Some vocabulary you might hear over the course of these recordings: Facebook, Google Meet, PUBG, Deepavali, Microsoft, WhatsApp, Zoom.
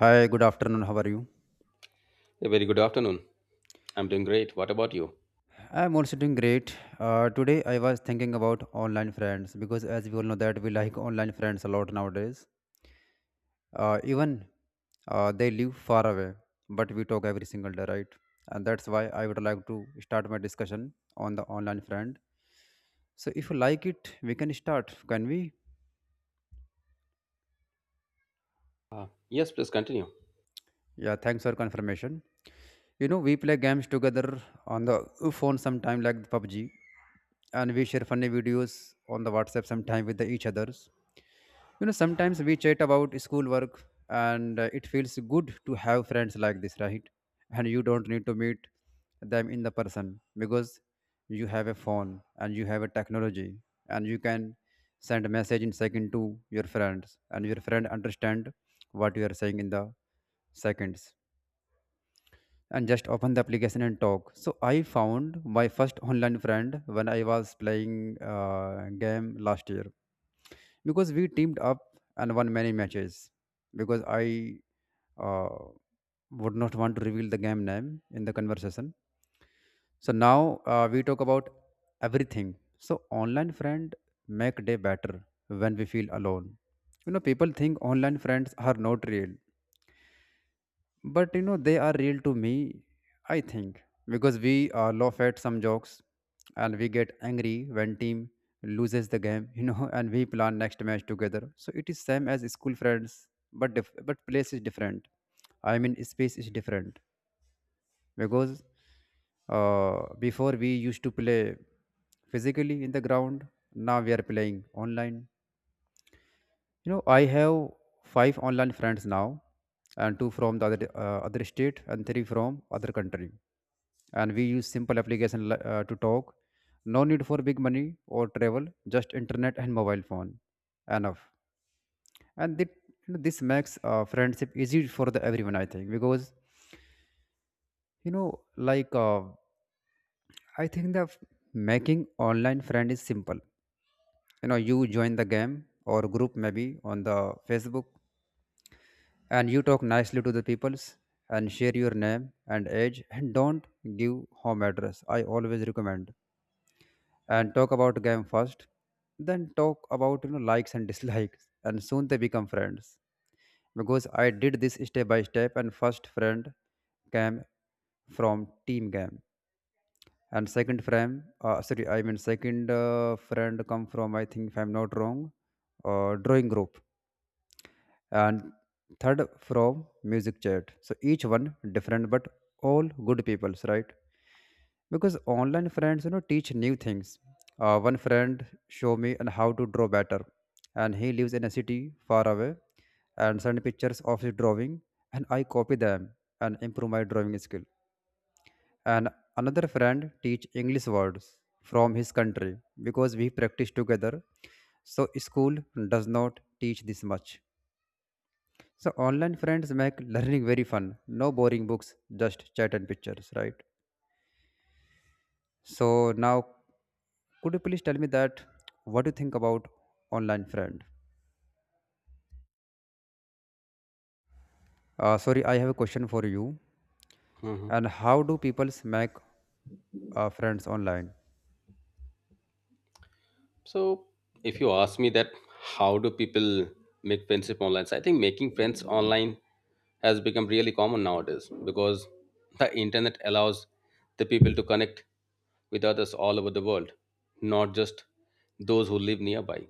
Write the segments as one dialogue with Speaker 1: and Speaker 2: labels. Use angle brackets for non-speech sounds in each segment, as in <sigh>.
Speaker 1: Hi, good afternoon. How are you?
Speaker 2: A very good afternoon. I'm doing great. What about you?
Speaker 1: I'm also doing great. Today I was thinking about online friends because, as we all know, that we like online friends a lot nowadays. Even they live far away, but we talk every single day, right? And that's why I would like to start my discussion on the online friend. So, if you like it, we can start, can we?
Speaker 2: Yes, please continue.
Speaker 1: Yeah, thanks for confirmation. We play games together on the phone sometime like the PUBG, and we share funny videos on the WhatsApp sometime with the each others. Sometimes we chat about schoolwork, and it feels good to have friends like this, right? And you don't need to meet them in the person because you have a phone and you have a technology, and you can send a message in second to your friends, and your friend understand what you are saying in the seconds and just open the application and talk. So I found my first online friend when I was playing game last year because we teamed up and won many matches, because I uh, would not want to reveal the game name in the conversation. So now we talk about everything. So online friend make day better when we feel alone. People think online friends are not real, but they are real to me, I think, because we laugh at some jokes, and we get angry when team loses the game, <laughs> and we plan next match together. So it is same as school friends, but place is different. I mean space is different, because before we used to play physically in the ground, now we are playing online. I have five online friends now, and two from the other state, and three from other country. And we use simple application to talk. No need for big money or travel, just internet and mobile phone, enough. And this makes friendship easy for the everyone, I think, because like I think making online friend is simple. You join the game or group, maybe on the Facebook, and you talk nicely to the peoples and share your name and age, and don't give home address, I always recommend, and talk about game first, then talk about likes and <laughs> dislikes, and soon they become friends. Because I did this step by step, and first friend came from team game, and second friend, sorry, I mean second, friend come from, I think, if I'm not wrong, drawing group, and third from music chat. So each one different, but all good peoples, right? Because online friends, teach new things. One friend show me and how to draw better, and he lives in a city far away, and send pictures of his drawing, and I copy them and improve my drawing skill. And another friend teach English words from his country, because we practice together. So school does not teach this much, so online friends make learning very fun. No boring books, just chat and pictures, right? So now, could you please tell me that what do you think about online friend? Sorry, I have a question for you.
Speaker 2: Hmm
Speaker 1: And how do people make friends online?
Speaker 2: So, if you ask me that, how do people make friendship online? So I think making friends online has become really common nowadays because the internet allows the people to connect with others all over the world, not just those who live nearby.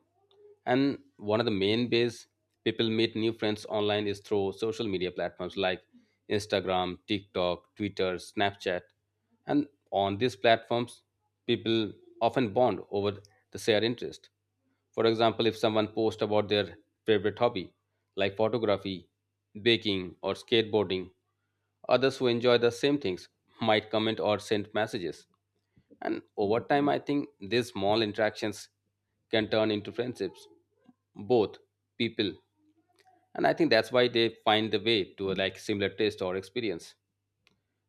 Speaker 2: And one of the main ways people meet new friends online is through social media platforms like Instagram, TikTok, Twitter, Snapchat. And on these platforms, people often bond over the shared interest. For example, if someone posts about their favorite hobby, like photography, baking, or skateboarding, others who enjoy the same things might comment or send messages. And over time, I think these small interactions can turn into friendships, both people. And I think that's why they find the way to like similar taste or experience,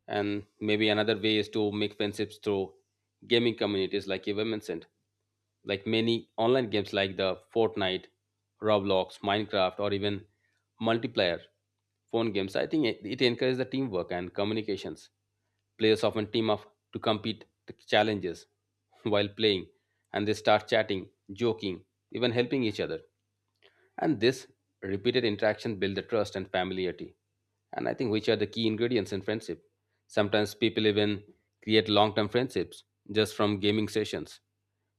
Speaker 2: and maybe another way is to make friendships through gaming communities like you were mentioned, like many online games like the fortnite, roblox, minecraft, or even multiplayer phone games. I think it encourages the teamwork and communications. Players often team up to compete the challenges <laughs> while playing, and they start chatting, joking, even helping each other, and this repeated interaction build the trust and familiarity, and I think which are the key ingredients in friendship. Sometimes people even create long-term friendships just from gaming sessions.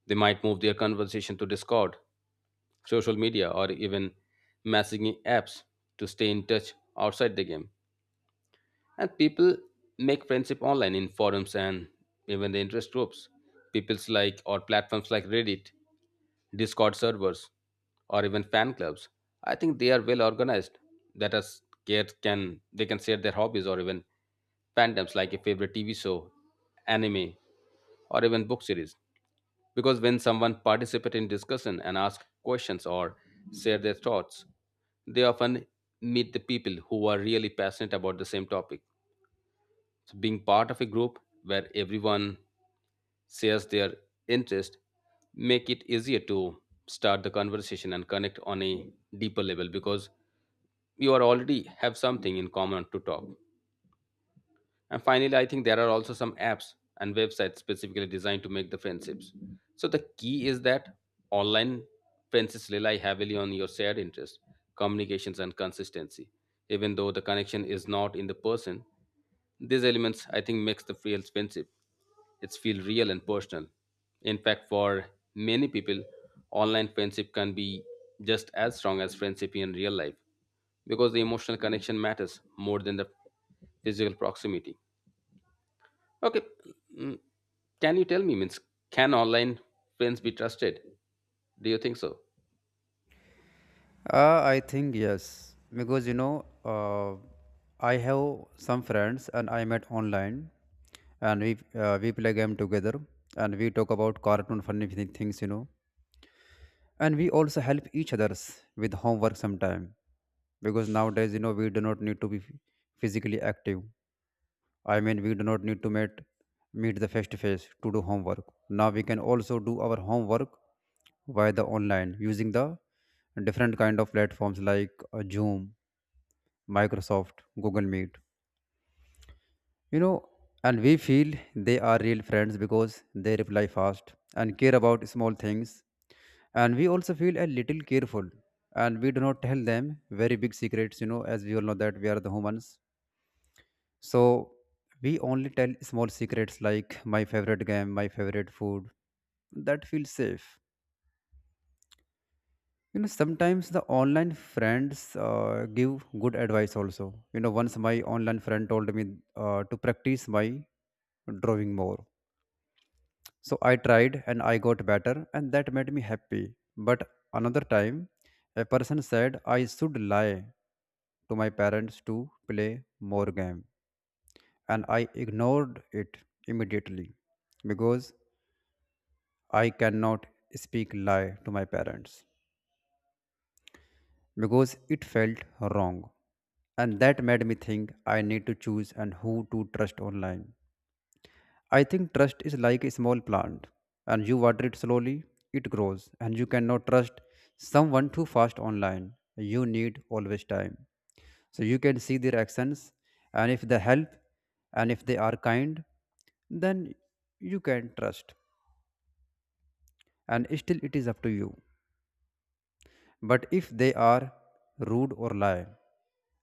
Speaker 2: They might move their conversation to Discord, social media, or even messaging apps to stay in touch outside the game. And people make friendship online in forums and even the interest groups. People's like or platforms like Reddit, Discord servers, or even fan clubs. I think they are well organized. That us kids can, they can share their hobbies or even fandoms like a favorite TV show, anime, or even book series. Because when someone participates in discussion and asks questions or share their thoughts, they often meet the people who are really passionate about the same topic. So being part of a group where everyone shares their interest make it easier to start the conversation and connect on a deeper level because you are already have something in common to talk. And finally, I think there are also some apps and websites specifically designed to make the friendships. So the key is that online friendships rely heavily on your shared interests, communications, and consistency. Even though the connection is not in the person, these elements I think makes the real friendship. It's feel real and personal. In fact, for many people, online friendship can be just as strong as friendship in real life because the emotional connection matters more than the physical proximity. Okay. mm, Can you tell me, means, can online friends be trusted? Do you think so?
Speaker 1: I think yes, because I have some friends and I met online, and we play game together, and we talk about cartoon funny things, and we also help each others with homework sometime. Because nowadays, we do not need to be physically active. I mean we do not need to meet the face to face to do homework. Now we can also do our homework via the online, using the different kind of platforms like Zoom, Microsoft, Google Meet. You know, and we feel they are real friends, because they reply fast and care about small things. And we also feel a little careful, and we do not tell them very big secrets, as we all know that we are the humans. So we only tell small secrets, like my favorite game, my favorite food. That feels safe. Sometimes the online friends give good advice also. Once my online friend told me to practice my drawing more. So I tried and I got better, and that made me happy. But another time, a person said I should lie to my parents to play more game, and I ignored it immediately, because I cannot speak lie to my parents, because it felt wrong. And that made me think I need to choose and who to trust online. I think trust is like a small plant, and you water it slowly, it grows, and you cannot trust someone too fast online. You need always time. So you can see their actions, and if they help, and if they are kind, then you can trust, and still it is up to you. But if they are rude or lie,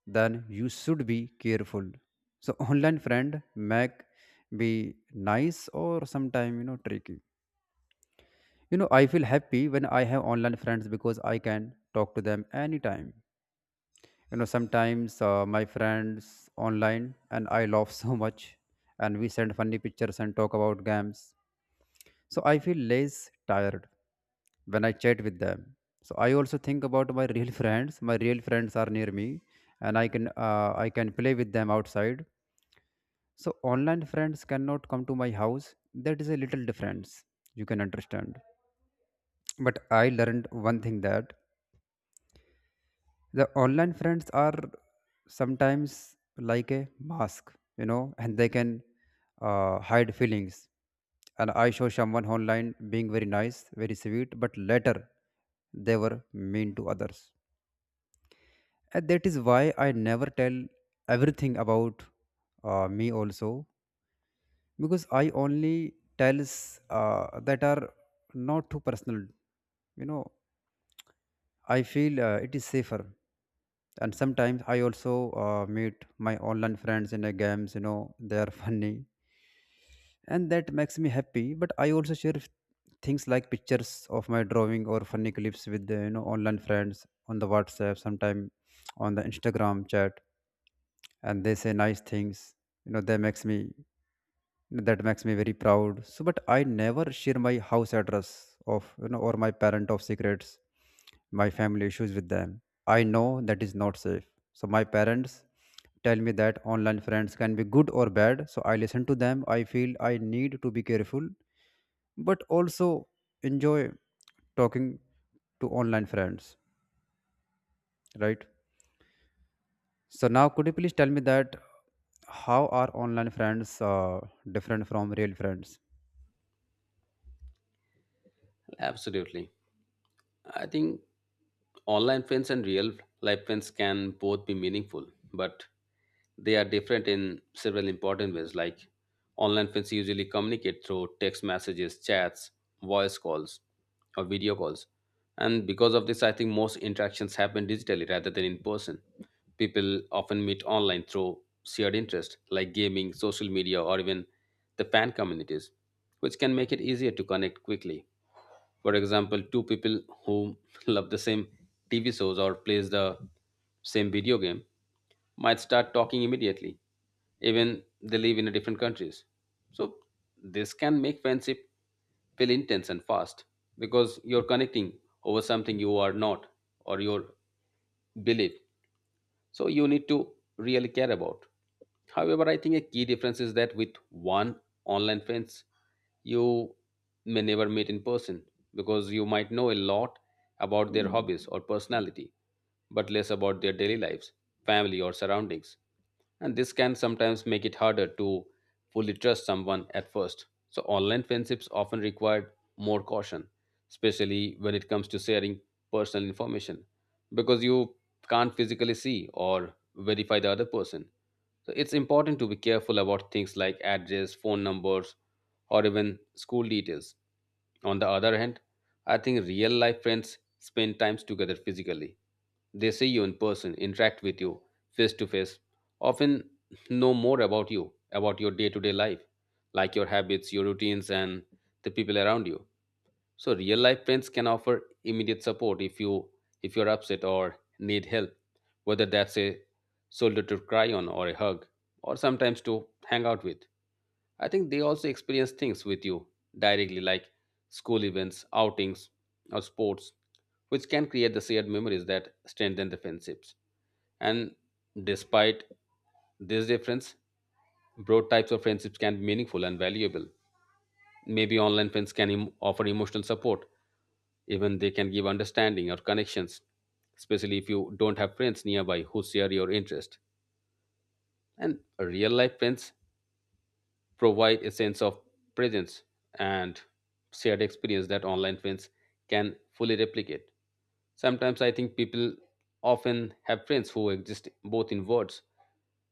Speaker 1: then you should be careful. So <laughs> online friend make be nice or sometime tricky. I feel happy when I have online friends, because I can talk to them anytime. Sometimes my friends online and I laugh <laughs> so much, and we send funny pictures and talk about games. So I feel less tired when I chat with them. So I also think about my real <laughs> friends. My real friends are near me, and I can play with them outside. So online friends cannot come to my house. That is a little difference. You can understand. But I learned one thing, that the online friends are sometimes like a mask, and they can hide feelings. And I show someone online being very nice, very sweet, but later they were mean to others. And that is why I never tell everything about me also, because I only tells that are not too personal, you know I feel it is safer. And sometimes I also meet my online friends in a games, they are <laughs> funny. And that makes me happy. But I also share things like pictures of my drawing or funny clips with the online friends on the WhatsApp, sometime on the Instagram chat. And they say nice things. That makes me very proud. So, but I never share my house address of or my parent of secrets, my family issues with them. I know that is not safe. So my parents tell me that online friends can be good or bad, so I listen to them. I feel I need to be careful, but also enjoy talking to online friends, right? So now, could you please tell me that how are online friends different from real friends?
Speaker 2: Absolutely. I think online friends and real life friends can both be meaningful, but they are different in several important ways. Like online friends usually communicate through text messages, chats, voice calls, or video calls. And because of this, I think most interactions happen digitally rather than in person. People often meet online through shared interest like gaming, social media, or even the fan communities, which can make it easier to connect quickly. For example, two people who <laughs> love the same TV shows or plays the same video game might start talking immediately, even they live in a different countries. So this can make friendship feel intense and fast because you're connecting over something you are not or your belief, so you need to really care about. However, I think a key difference is that with one online friends, you may never meet in person because you might know a lot about their hobbies or personality but less about their daily lives, family, or surroundings, and this can sometimes make it harder to fully trust someone at first. So, online friendships often require more caution, especially when it comes to sharing personal information, because you can't physically see or verify the other person. So it's important to be careful about things like address, phone numbers, or even school details. On the other hand, I think real life friends spend times together physically. They see you in person, interact with you face to face, often know more about you, about your day to day life, like your habits, your routines, and the people around you. So real life friends can offer immediate support if you're upset or need help, whether that's a shoulder to cry on or a hug, or sometimes to hang out with. I think they also experience things with you directly, like school events, outings, or sports, which can create the shared memories that strengthen the friendships. And despite this difference, broad types of friendships can be meaningful and valuable. Maybe online friends can offer emotional support, even they can give understanding or connections, especially if you don't have friends nearby who share your interest. And real life friends provide a sense of presence and shared experience that online friends can fully replicate. Sometimes I think people often have friends who exist both in words,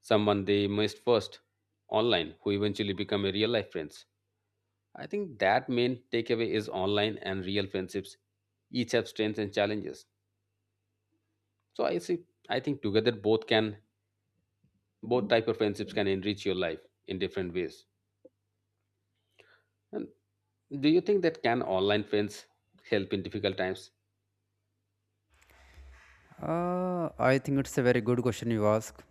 Speaker 2: someone they missed first online, who eventually become a real life friends. I think that main takeaway is online and real friendships each have strengths and challenges. So I see, I think together both can, both type of friendships can enrich your life in different ways. And do you think that can online friends help in difficult times?
Speaker 1: I think it's a very good question you ask.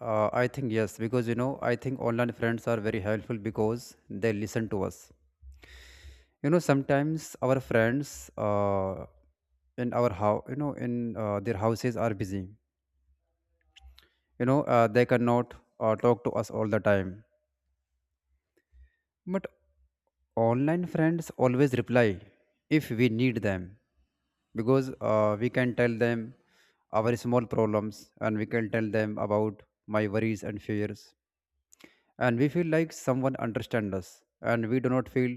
Speaker 1: I think yes, because I think online friends are very helpful, because they listen to us. Sometimes our friends, in our house, in their houses are busy. They cannot talk to us all the time. But online friends always reply if we need them, because we can tell them our small problems, and we can tell them about my worries and fears, and we feel like someone understands us, and we do not feel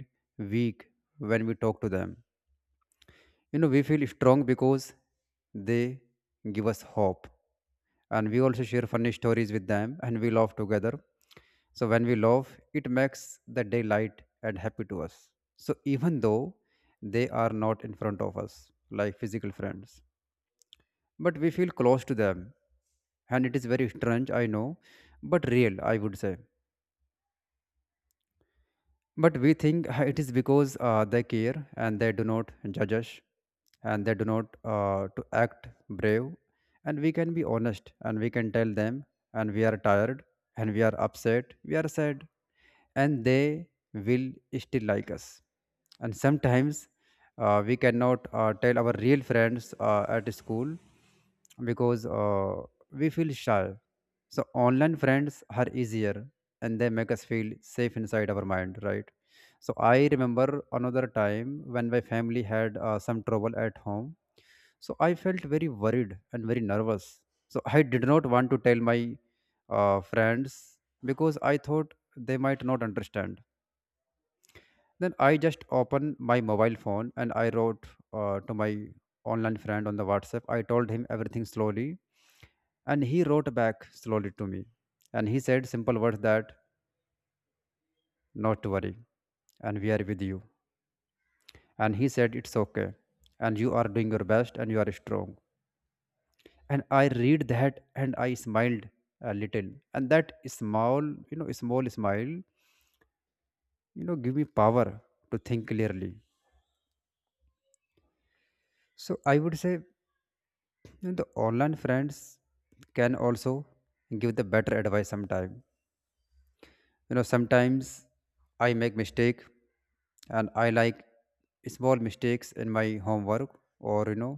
Speaker 1: weak when we talk to them. We feel strong because they give us hope, and we also share funny stories with them and we laugh together. So when we laugh it makes the day light and happy to us. So even though they are not in front of us like physical friends, but we feel close to them, and it is very strange, I know, but real, I would say. But we think it is because they care and they do not judge us, and they do not to act brave, and we can be honest and we can tell them, and we are tired, and we are upset, we are sad, and they will still like us. And sometimes we cannot tell our real friends at school, because we feel shy, so online friends are easier, and they make us feel safe inside our mind, right? So I remember another time when my family had some trouble at home. So I felt very worried and very nervous. So I did not want to tell my friends, because I thought they might not understand. Then I just opened my mobile phone and I wrote to my online friend on the WhatsApp. I told him everything slowly, and he wrote back slowly to me. And he said simple words that, not to worry. And we are with you. And he said, it's okay. And you are doing your best and you are strong. And I read that and I smiled a little. And that small, small smile, give me power to think clearly. So I would say, the online friends can also give the better advice sometime, sometimes I make mistake, and I like small mistakes in my homework, or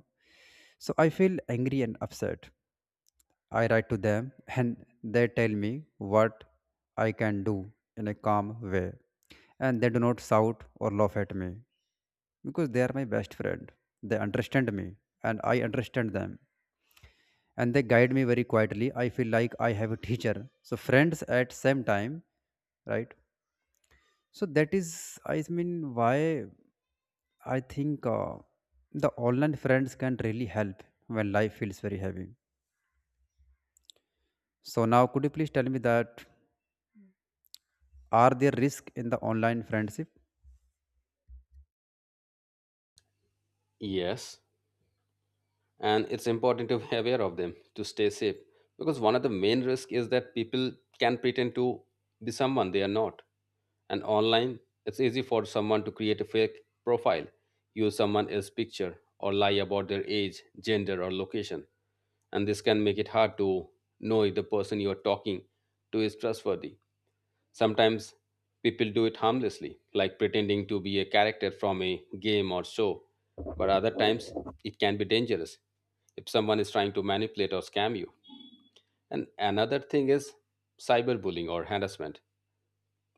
Speaker 1: so I feel angry and upset. I write to them and they tell me what I can do in a calm way, and they do not shout or laugh at me because they are my best friend. They understand me and I understand them, and they guide me very quietly. I feel like I have a teacher, so friends at same time, right? So that is, I mean, why I think the online friends can really help when life feels very heavy. So now, could you please tell me that, are there risks in the online friendship?
Speaker 2: Yes, and it's important to be <laughs> aware of them to stay safe because one of the main risks is that people can pretend to be someone they are not, and online it's easy for someone to create a fake profile, use someone else's picture or lie about their age, gender, or location, and this can make it hard to know if the person you are talking to is trustworthy. Sometimes people do it harmlessly, like pretending to be a character from a game or show, but other times it can be dangerous if someone is trying to manipulate or scam you. And another thing is cyberbullying or harassment.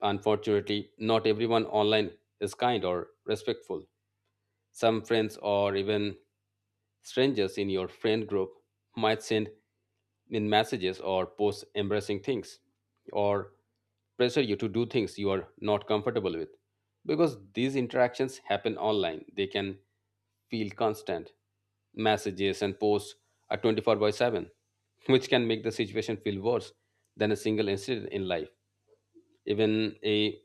Speaker 2: Unfortunately, not everyone online is kind or respectful. Some friends or even strangers in your friend group might send in messages or post embarrassing things or pressure you to do things you are not comfortable with. Because these interactions happen online, they can feel constant. Messages and posts are 24 by 7, which can make the situation feel worse than a single incident in life. Even a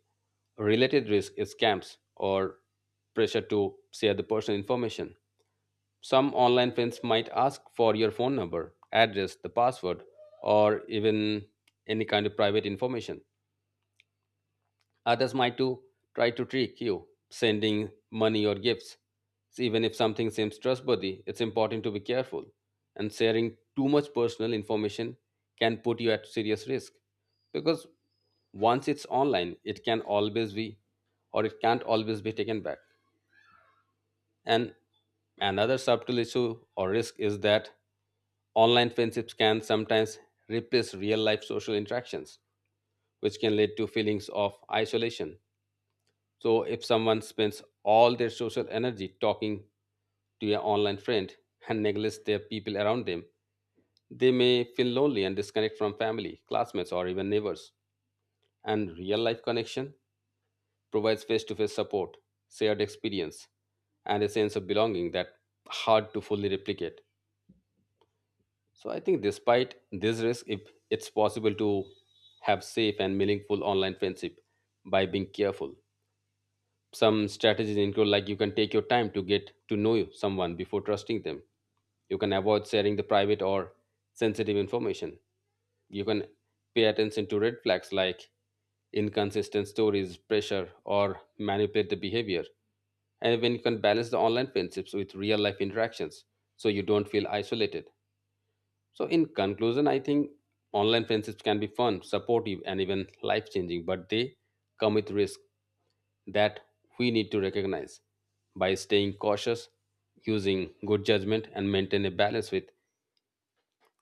Speaker 2: related risk is scams or pressure to share the personal information. Some online friends might ask for your phone number, address, the password, or even any kind of private information. Others might too try to trick you, sending money or gifts. So even if something seems trustworthy, it's important to be careful, and sharing too much personal information can put you at serious risk because once it's online, it can always be, or it can't always be taken back. And another subtle issue or risk is that online friendships can sometimes replace real life social interactions, which can lead to feelings of isolation. So, if someone spends all their social energy talking to an online friend and neglects their people around them, they may feel lonely and disconnect from family, classmates, or even neighbors. And real life connection provides face to face support, shared experience, and a sense of belonging that hard to fully replicate. So I think despite this risk, if it's possible to have safe and meaningful online friendship by being careful. Some strategies include like you can take your time to get to know someone before trusting them. You can avoid sharing the private or sensitive information. You can pay attention to red flags like inconsistent stories, pressure, or manipulate the behavior. And when you can balance the online friendships with real life interactions so you don't feel isolated. So, in conclusion, I think online friendships can be fun, supportive, and even life changing, but they come with risk that we need to recognize. By staying cautious, using good judgment, and maintain a balance with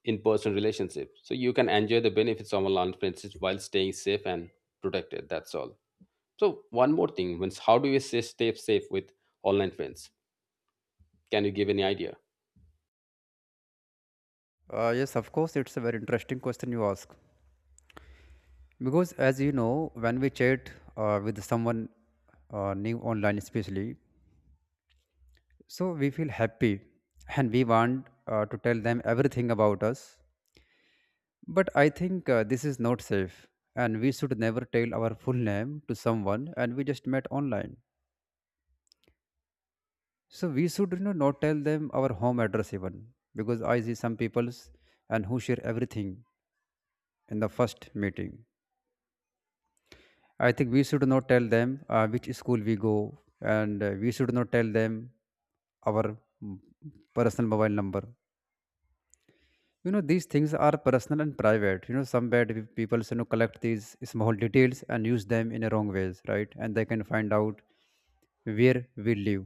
Speaker 2: in person relationships, so you can enjoy the benefits of online friendships while staying safe and protected. That's all. So, one more thing, means how do we stay safe with online friends? Can you give any idea?
Speaker 1: Yes, of course, it's a very interesting question you ask. Because as you know, when we chat with someone new online, especially, so we feel happy and we want to tell them everything about us. But I think this is not safe, and we should never tell our full name to someone. And we just met online, so we should, not tell them our home address even, because I see some people's and who share everything in the first meeting. I think we should not tell them which school we go, and we should not tell them our personal mobile number. You know, these things are personal and private. You know, some bad people, you know, collect these small details and use them in a wrong ways, right? And they can find out where we live.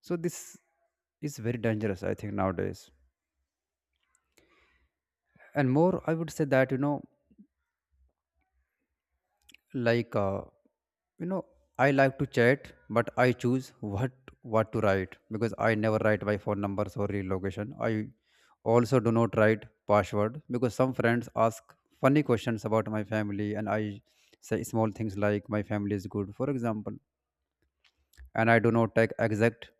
Speaker 1: So this is very dangerous, I think nowadays. And more, I would say that, you know, like you know, I like to chat, but I choose what to write, because I never write my phone numbers or real location. I also do not write password, because some friends ask funny questions about my family, and I say small things like my family is good, for example. And I do not take exact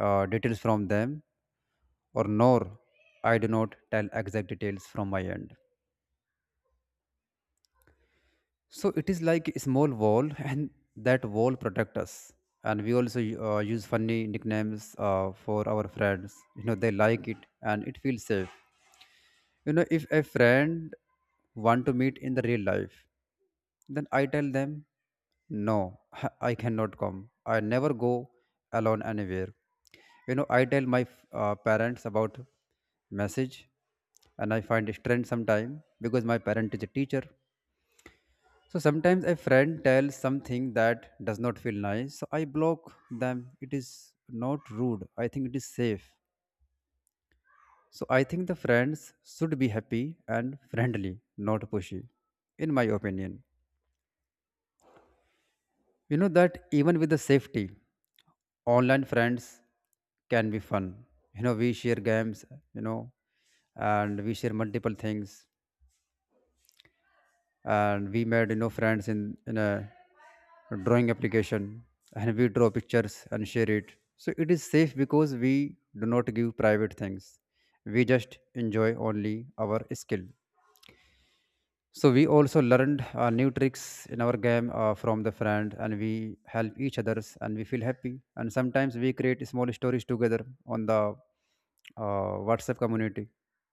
Speaker 1: details from them, or nor I do not tell exact details from my end. So it is like a small wall, <laughs> and that wall protect us. And we also use funny nicknames for our friends. You know, they like it, and it feels safe. You know, if a friend want to meet in the real life, then I tell them, no, <laughs> I cannot come. I never go alone anywhere. You know, I tell my parents about message, and I find strength sometime because my parent is a teacher. So sometimes a friend tells something that does not feel nice. So I block them. It is not rude. I think it is safe. So I think the friends should be happy and friendly, not pushy, in my opinion. You know that even with the safety, online friends can be fun. You know, we share games, you know, and we share multiple things, and we made, you know, friends in a drawing application, and we draw pictures and share it. So it is safe because we do not give private things. We just enjoy only our skill. So we also learned new tricks in our game from the friend, and we help each others, and we feel happy. And sometimes we create small stories together on the WhatsApp community.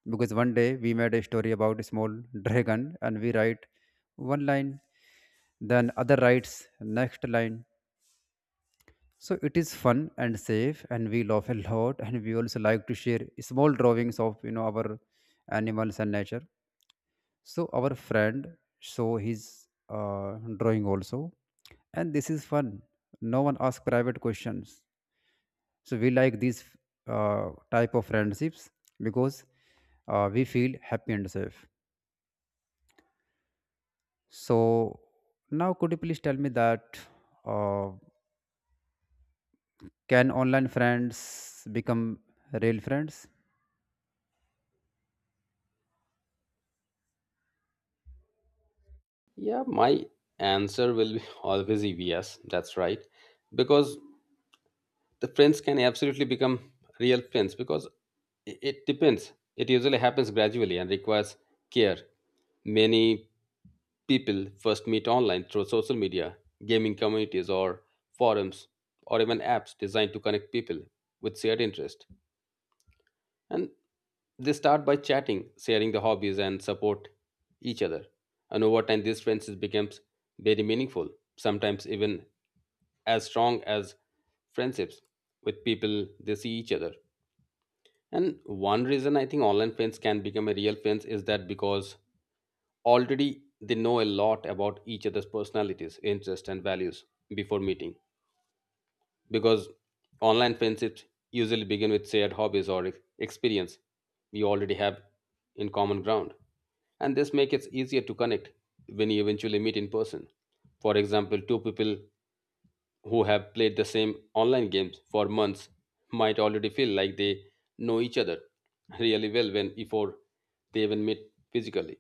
Speaker 1: Because one day we made a story about a small <laughs> dragon, and we write one line, then other writes next line. So it is fun and safe, and we laugh a lot, and we also like to share small drawings of, you know, our animals and nature. So our friend show his drawing also, and this is fun. No one asks private questions. So we like these type of friendships because we feel happy and safe. So now, could you please tell me that, uh, can online friends become real friends?
Speaker 2: Yeah, my answer will be <laughs> always be yes. That's right because the friends can absolutely become real friends because it depends. It usually happens gradually and requires care. Many people first meet online through social media, gaming communities, or forums, or even apps designed to connect people with shared interest. And they start by chatting, sharing the hobbies, and support each other. And over time, these friendships becomes very meaningful, sometimes even as strong as friendships with people they see each other. And one reason I think online friends can become a real friends is that because already they know a lot about each other's personalities, interests, and values before meeting. Because online friendships usually begin with shared hobbies or experience we already have in common ground. And this makes it easier to connect when you eventually meet in person. For example, two people who have played the same online games for months might already feel like they know each other really well when before they even meet physically.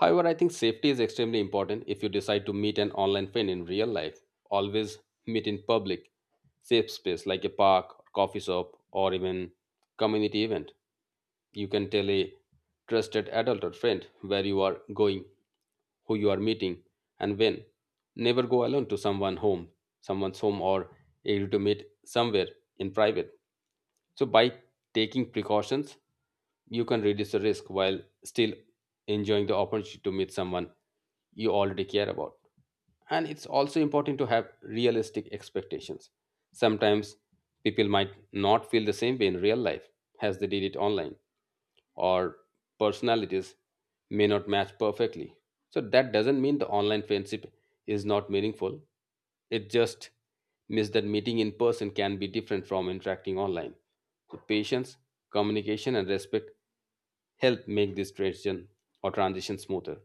Speaker 2: However, I think safety is extremely important if you decide to meet an online friend in real life. Always meet in public, safe space like a park, coffee shop, or even community event. You can tell a trusted adult or friend where you are going, who you are meeting, and when. Never go alone to someone home, someone's home or able to meet somewhere in private. So by taking precautions, you can reduce the risk while still enjoying the opportunity to meet someone you already care about. And it's also important to have realistic expectations. Sometimes people might not feel the same way in real life as they did it online, or personalities may not match perfectly. So that doesn't mean the online friendship is not meaningful. It just means that meeting in person can be different from interacting online. So patience, communication, and respect help make this transition or transition smoother.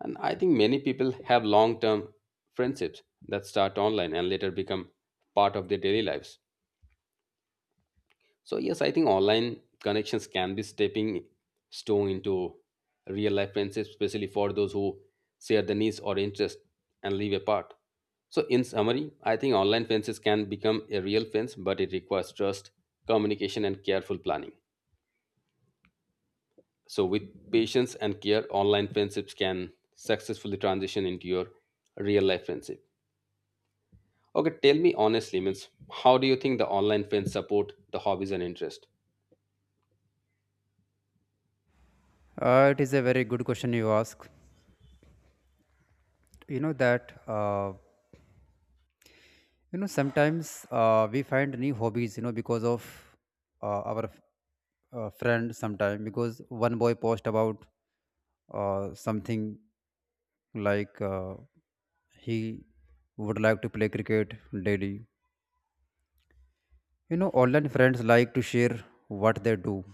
Speaker 2: And I think many people have long term friendships that start online and later become part of their daily lives. So yes, I think online connections can be stepping stone into real life friendships, especially for those who share the needs or interest and live apart. So in summary, I think online fences can become a real fence, but it requires trust, communication, and careful planning. So with patience and care, online friendships can successfully transition into your real life friendship. Okay, tell me honestly, means how do you think the online friends support the hobbies and interest?
Speaker 1: It is a very good question you ask. You know that, you know, sometimes we find new hobbies. You know, because of our friend sometime, because one boy post about something like he would like to play cricket daily. You know, online friends like to share what they do.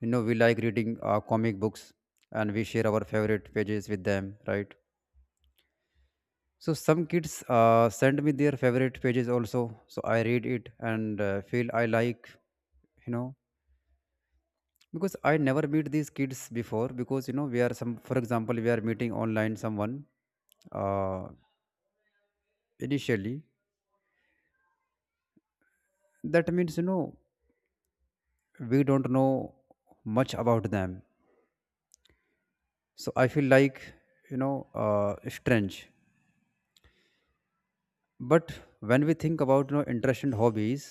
Speaker 1: You know, we like reading comic books, and we share our favorite pages with them, right? So some kids send me their favorite pages also. So I read it and feel I like, you know. Because I never meet these kids before, because, you know, we are some, for example, we are meeting online someone uh, initially, that means, you know, we don't know much about them, so I feel like, you know, strange. But when we think about, you know, interest and hobbies,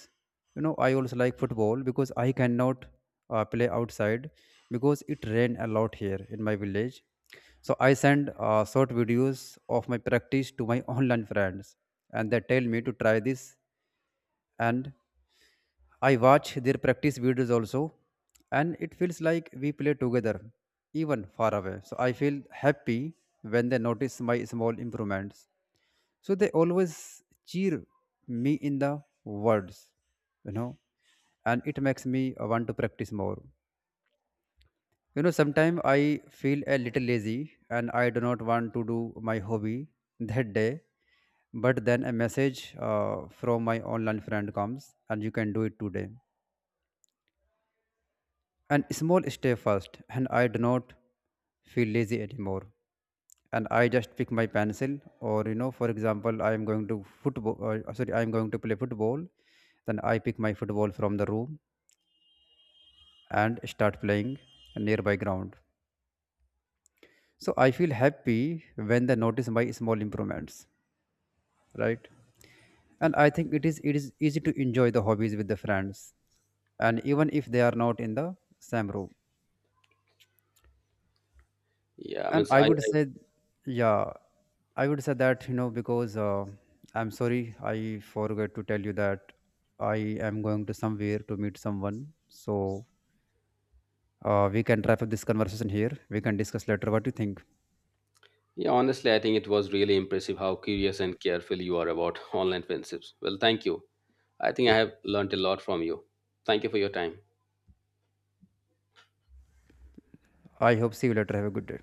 Speaker 1: you know, I also like football because I cannot play outside, because it rain a lot here in my village. So I send short videos of my practice to my <laughs> online friends, and they tell me to try this, and I watch their practice videos also, and it feels like we play together even far away. So I feel happy when they notice my small improvements. So they always cheer me in the words, you know, and it makes me want to practice more. You know, sometimes I feel a little lazy and I do not want to do my hobby that day, but then a message from my online friend comes, and you can do it today. And small step first, and I do not feel lazy anymore. And I just pick my pencil, or, you know, for example, I am going to football. Sorry, I am going to play football. Then I pick my football from the room and start playing a nearby ground. So I feel happy when they notice my small improvements, right? And I think it is easy to enjoy the hobbies with the friends, and even if they are not in the same room.
Speaker 2: Yeah,
Speaker 1: And
Speaker 2: means
Speaker 1: I
Speaker 2: I
Speaker 1: would say, yeah, I would say that, you know, because I'm sorry, I forgot to tell you that I am going to somewhere to meet someone. So we can wrap up this conversation here. We can discuss later. What do you think?
Speaker 2: Yeah, honestly, I think it was really impressive how curious and careful you are about <laughs> online friendships. Well, thank you. I think I have learned a lot from you. Thank you for your time.
Speaker 1: I hope see you later. Have a good day.